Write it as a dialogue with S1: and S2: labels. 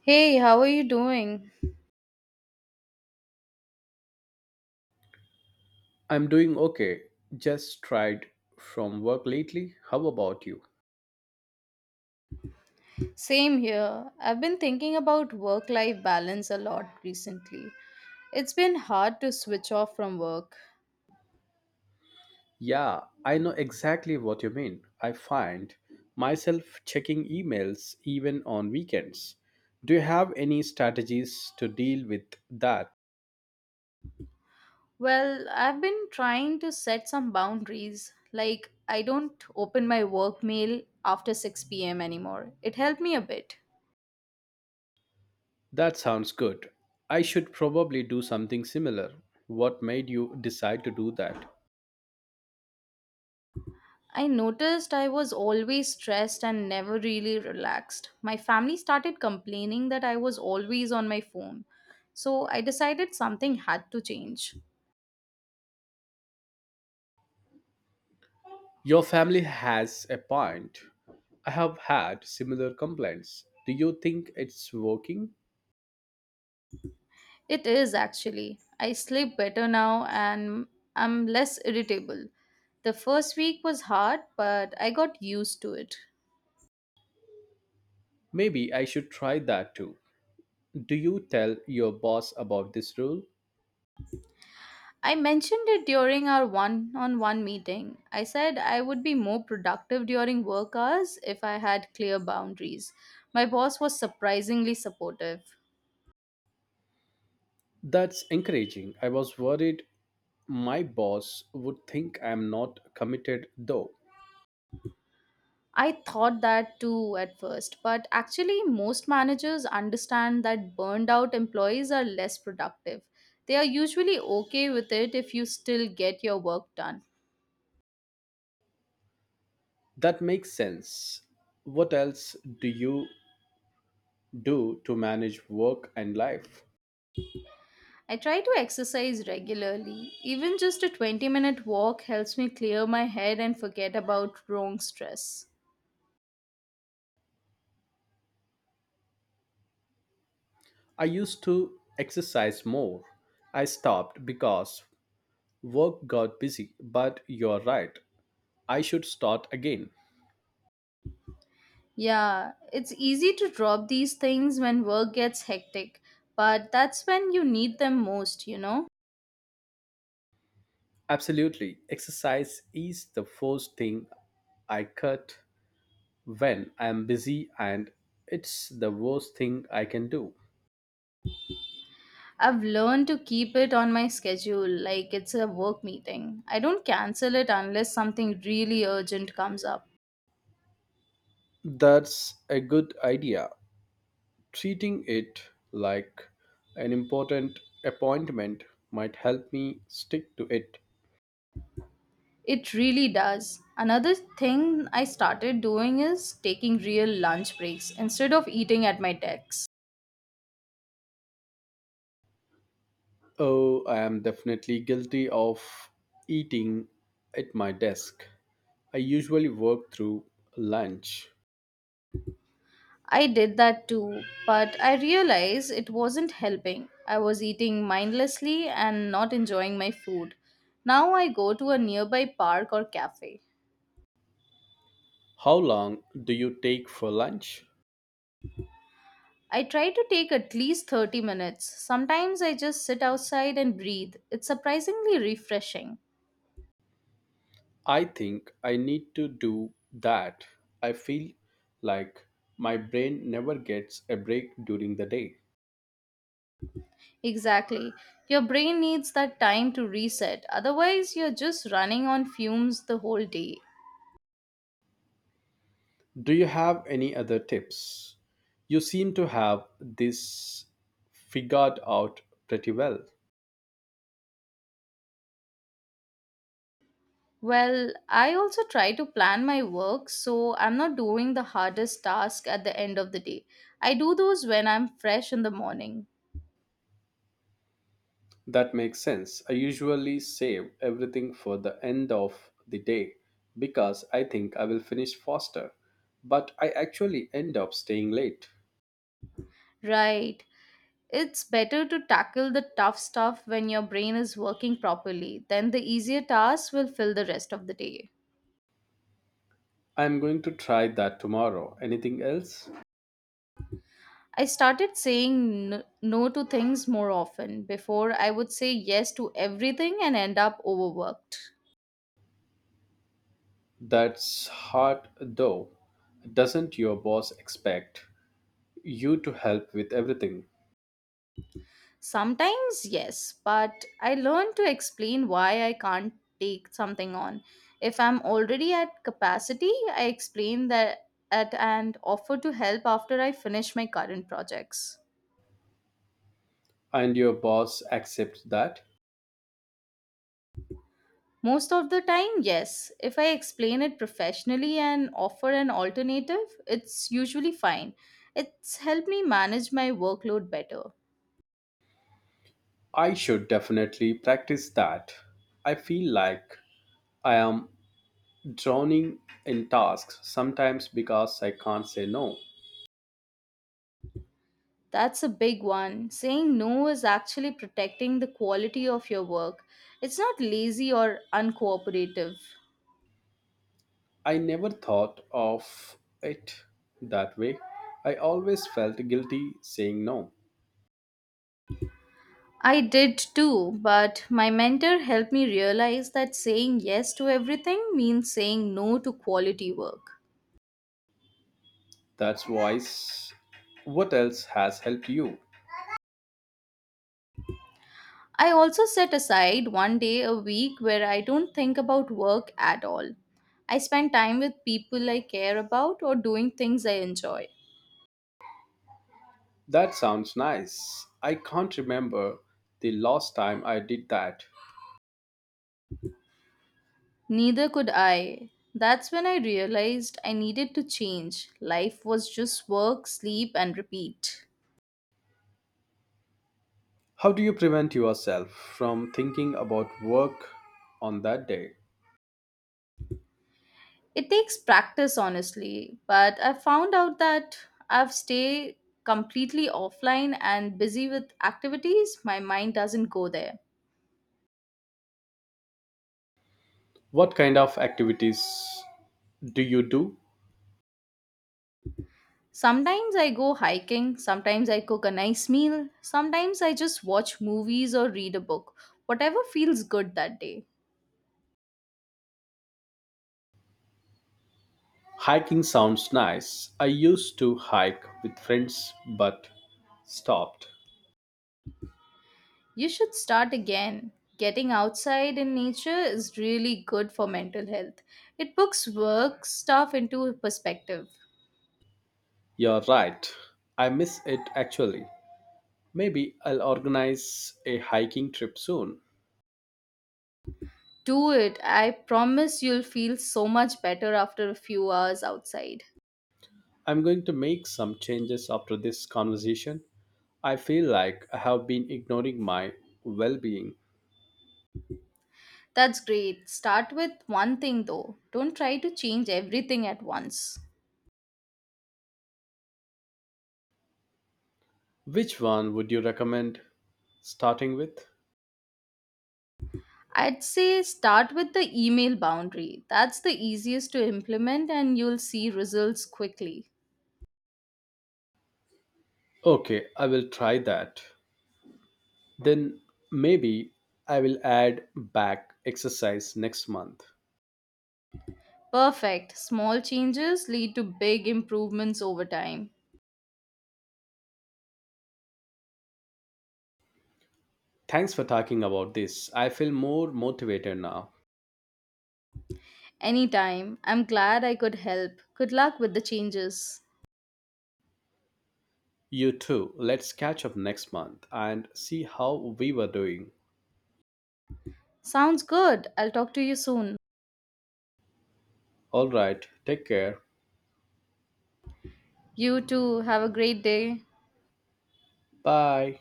S1: Hey, how are you doing?
S2: I'm doing okay. Just tried from work lately. How about you?
S1: Same here. I've been thinking about work life balance a lot recently. It's been hard to switch off from work.
S2: Yeah, I know exactly what you mean. I find myself checking emails even on weekends. Do you have any strategies to deal with that?
S1: Well, I've been trying to set some boundaries. Like, I don't open my work mail after 6 p.m. anymore. It helped me a bit.
S2: That sounds good. I should probably do something similar. What made you decide to do that?
S1: I noticed I was always stressed and never really relaxed. My family started complaining that I was always on my phone. So I decided something had to change.
S2: Your family has a point. I have had similar complaints. Do you think it's working?
S1: It is actually. I sleep better now and I'm less irritable. The first week was hard, but I got used to it.
S2: Maybe I should try that too. Do you tell your boss about this rule?
S1: I mentioned it during our one on one meeting. I said I would be more productive during work hours if I had clear boundaries. My boss was surprisingly supportive.
S2: That's encouraging. I was worried my boss would think I'm not committed though.
S1: I thought that too at first, but actually, most managers understand that burned out employees are less productive. They are usually okay with it if you still get your work done.
S2: That makes sense. What else do you do to manage work and life?
S1: I try to exercise regularly. Even just a 20-minute walk helps me clear my head and forget about wrong stress.
S2: I used to exercise more. I stopped because work got busy, but you're right. I should start again.
S1: Yeah, it's easy to drop these things when work gets hectic, but that's when you need them most, you know?
S2: Absolutely. Exercise is the first thing I cut when I'm busy and it's the worst thing I can do.
S1: I've learned to keep it on my schedule like it's a work meeting. I don't cancel it unless something really urgent comes up.
S2: That's a good idea. Treating it like an important appointment might help me stick to it.
S1: It really does. Another thing I started doing is taking real lunch breaks instead of eating at my desk.
S2: Oh, I am definitely guilty of eating at my desk. I usually work through lunch.
S1: I did that too, but I realized it wasn't helping. I was eating mindlessly and not enjoying my food. Now I go to a nearby park or cafe.
S2: How long do you take for lunch?
S1: I try to take at least 30 minutes. Sometimes I just sit outside and breathe. It's surprisingly refreshing.
S2: I think I need to do that. I feel like my brain never gets a break during the day.
S1: Exactly. Your brain needs that time to reset. Otherwise, you're just running on fumes the whole day.
S2: Do you have any other tips? You seem to have this figured out pretty well.
S1: Well, I also try to plan my work so I'm not doing the hardest task at the end of the day. I do those when I'm fresh in the morning.
S2: That makes sense. I usually save everything for the end of the day because I think I will finish faster, but I actually end up staying late.
S1: Right. It's better to tackle the tough stuff when your brain is working properly, then the easier tasks will fill the rest of the day.
S2: I am going to try that tomorrow. Anything else?
S1: I started saying no to things more often. Before, I would say yes to everything and end up overworked.
S2: That's hard though. Doesn't your boss expect you to help with everything?
S1: Sometimes, yes, but I learned to explain why I can't take something on. If I'm already at capacity, I explain that at and offer to help after I finish my current projects.
S2: And your boss accepts that?
S1: Most of the time, yes. If I explain it professionally and offer an alternative, it's usually fine. It's helped me manage my workload better.
S2: I should definitely practice that. I feel like I am drowning in tasks sometimes because I can't say no.
S1: That's a big one. Saying no is actually protecting the quality of your work. It's not lazy or uncooperative.
S2: I never thought of it that way. I always felt guilty saying no.
S1: I did too, but my mentor helped me realize that saying yes to everything means saying no to quality work.
S2: That's why. s- What else has helped you?
S1: I also set aside one day a week where I don't think about work at all. I spend time with people I care about or doing things I enjoy.
S2: That sounds nice. I can't remember the last time I did that.
S1: Neither could I. That's when I realized I needed to change. Life was just work, sleep, and repeat.
S2: How do you prevent yourself from thinking about work on that day?
S1: It takes practice, honestly, but I found out that I've stayed completely offline and busy with activities, my mind doesn't go there.
S2: What kind of activities do you do?
S1: Sometimes I go hiking, sometimes I cook a nice meal, sometimes I just watch movies or read a book. Whatever feels good that day.
S2: Hiking sounds nice. I used to hike with friends but stopped.
S1: You should start again. Getting outside in nature is really good for mental health. It puts work stuff into perspective.
S2: You're right. I miss it actually. Maybe I'll organize a hiking trip soon.
S1: Do it. I promise you'll feel so much better after a few hours outside.
S2: I'm going to make some changes after this conversation. I feel like I have been ignoring my well being.
S1: That's great. Start with one thing though. Don't try to change everything at once.
S2: Which one would you recommend starting with?
S1: I'd say start with the email boundary. That's the easiest to implement and you'll see results quickly.
S2: Okay, I will try that. Then maybe I will add back exercise next month.
S1: Perfect. Small changes lead to big improvements over time.
S2: Thanks for talking about this. I feel more motivated now.
S1: Anytime. I'm glad I could help. Good luck with the changes.
S2: You too. Let's catch up next month and see how we were doing.
S1: Sounds good. I'll talk to you soon.
S2: All right, take care.
S1: You too. Have a great day.
S2: Bye.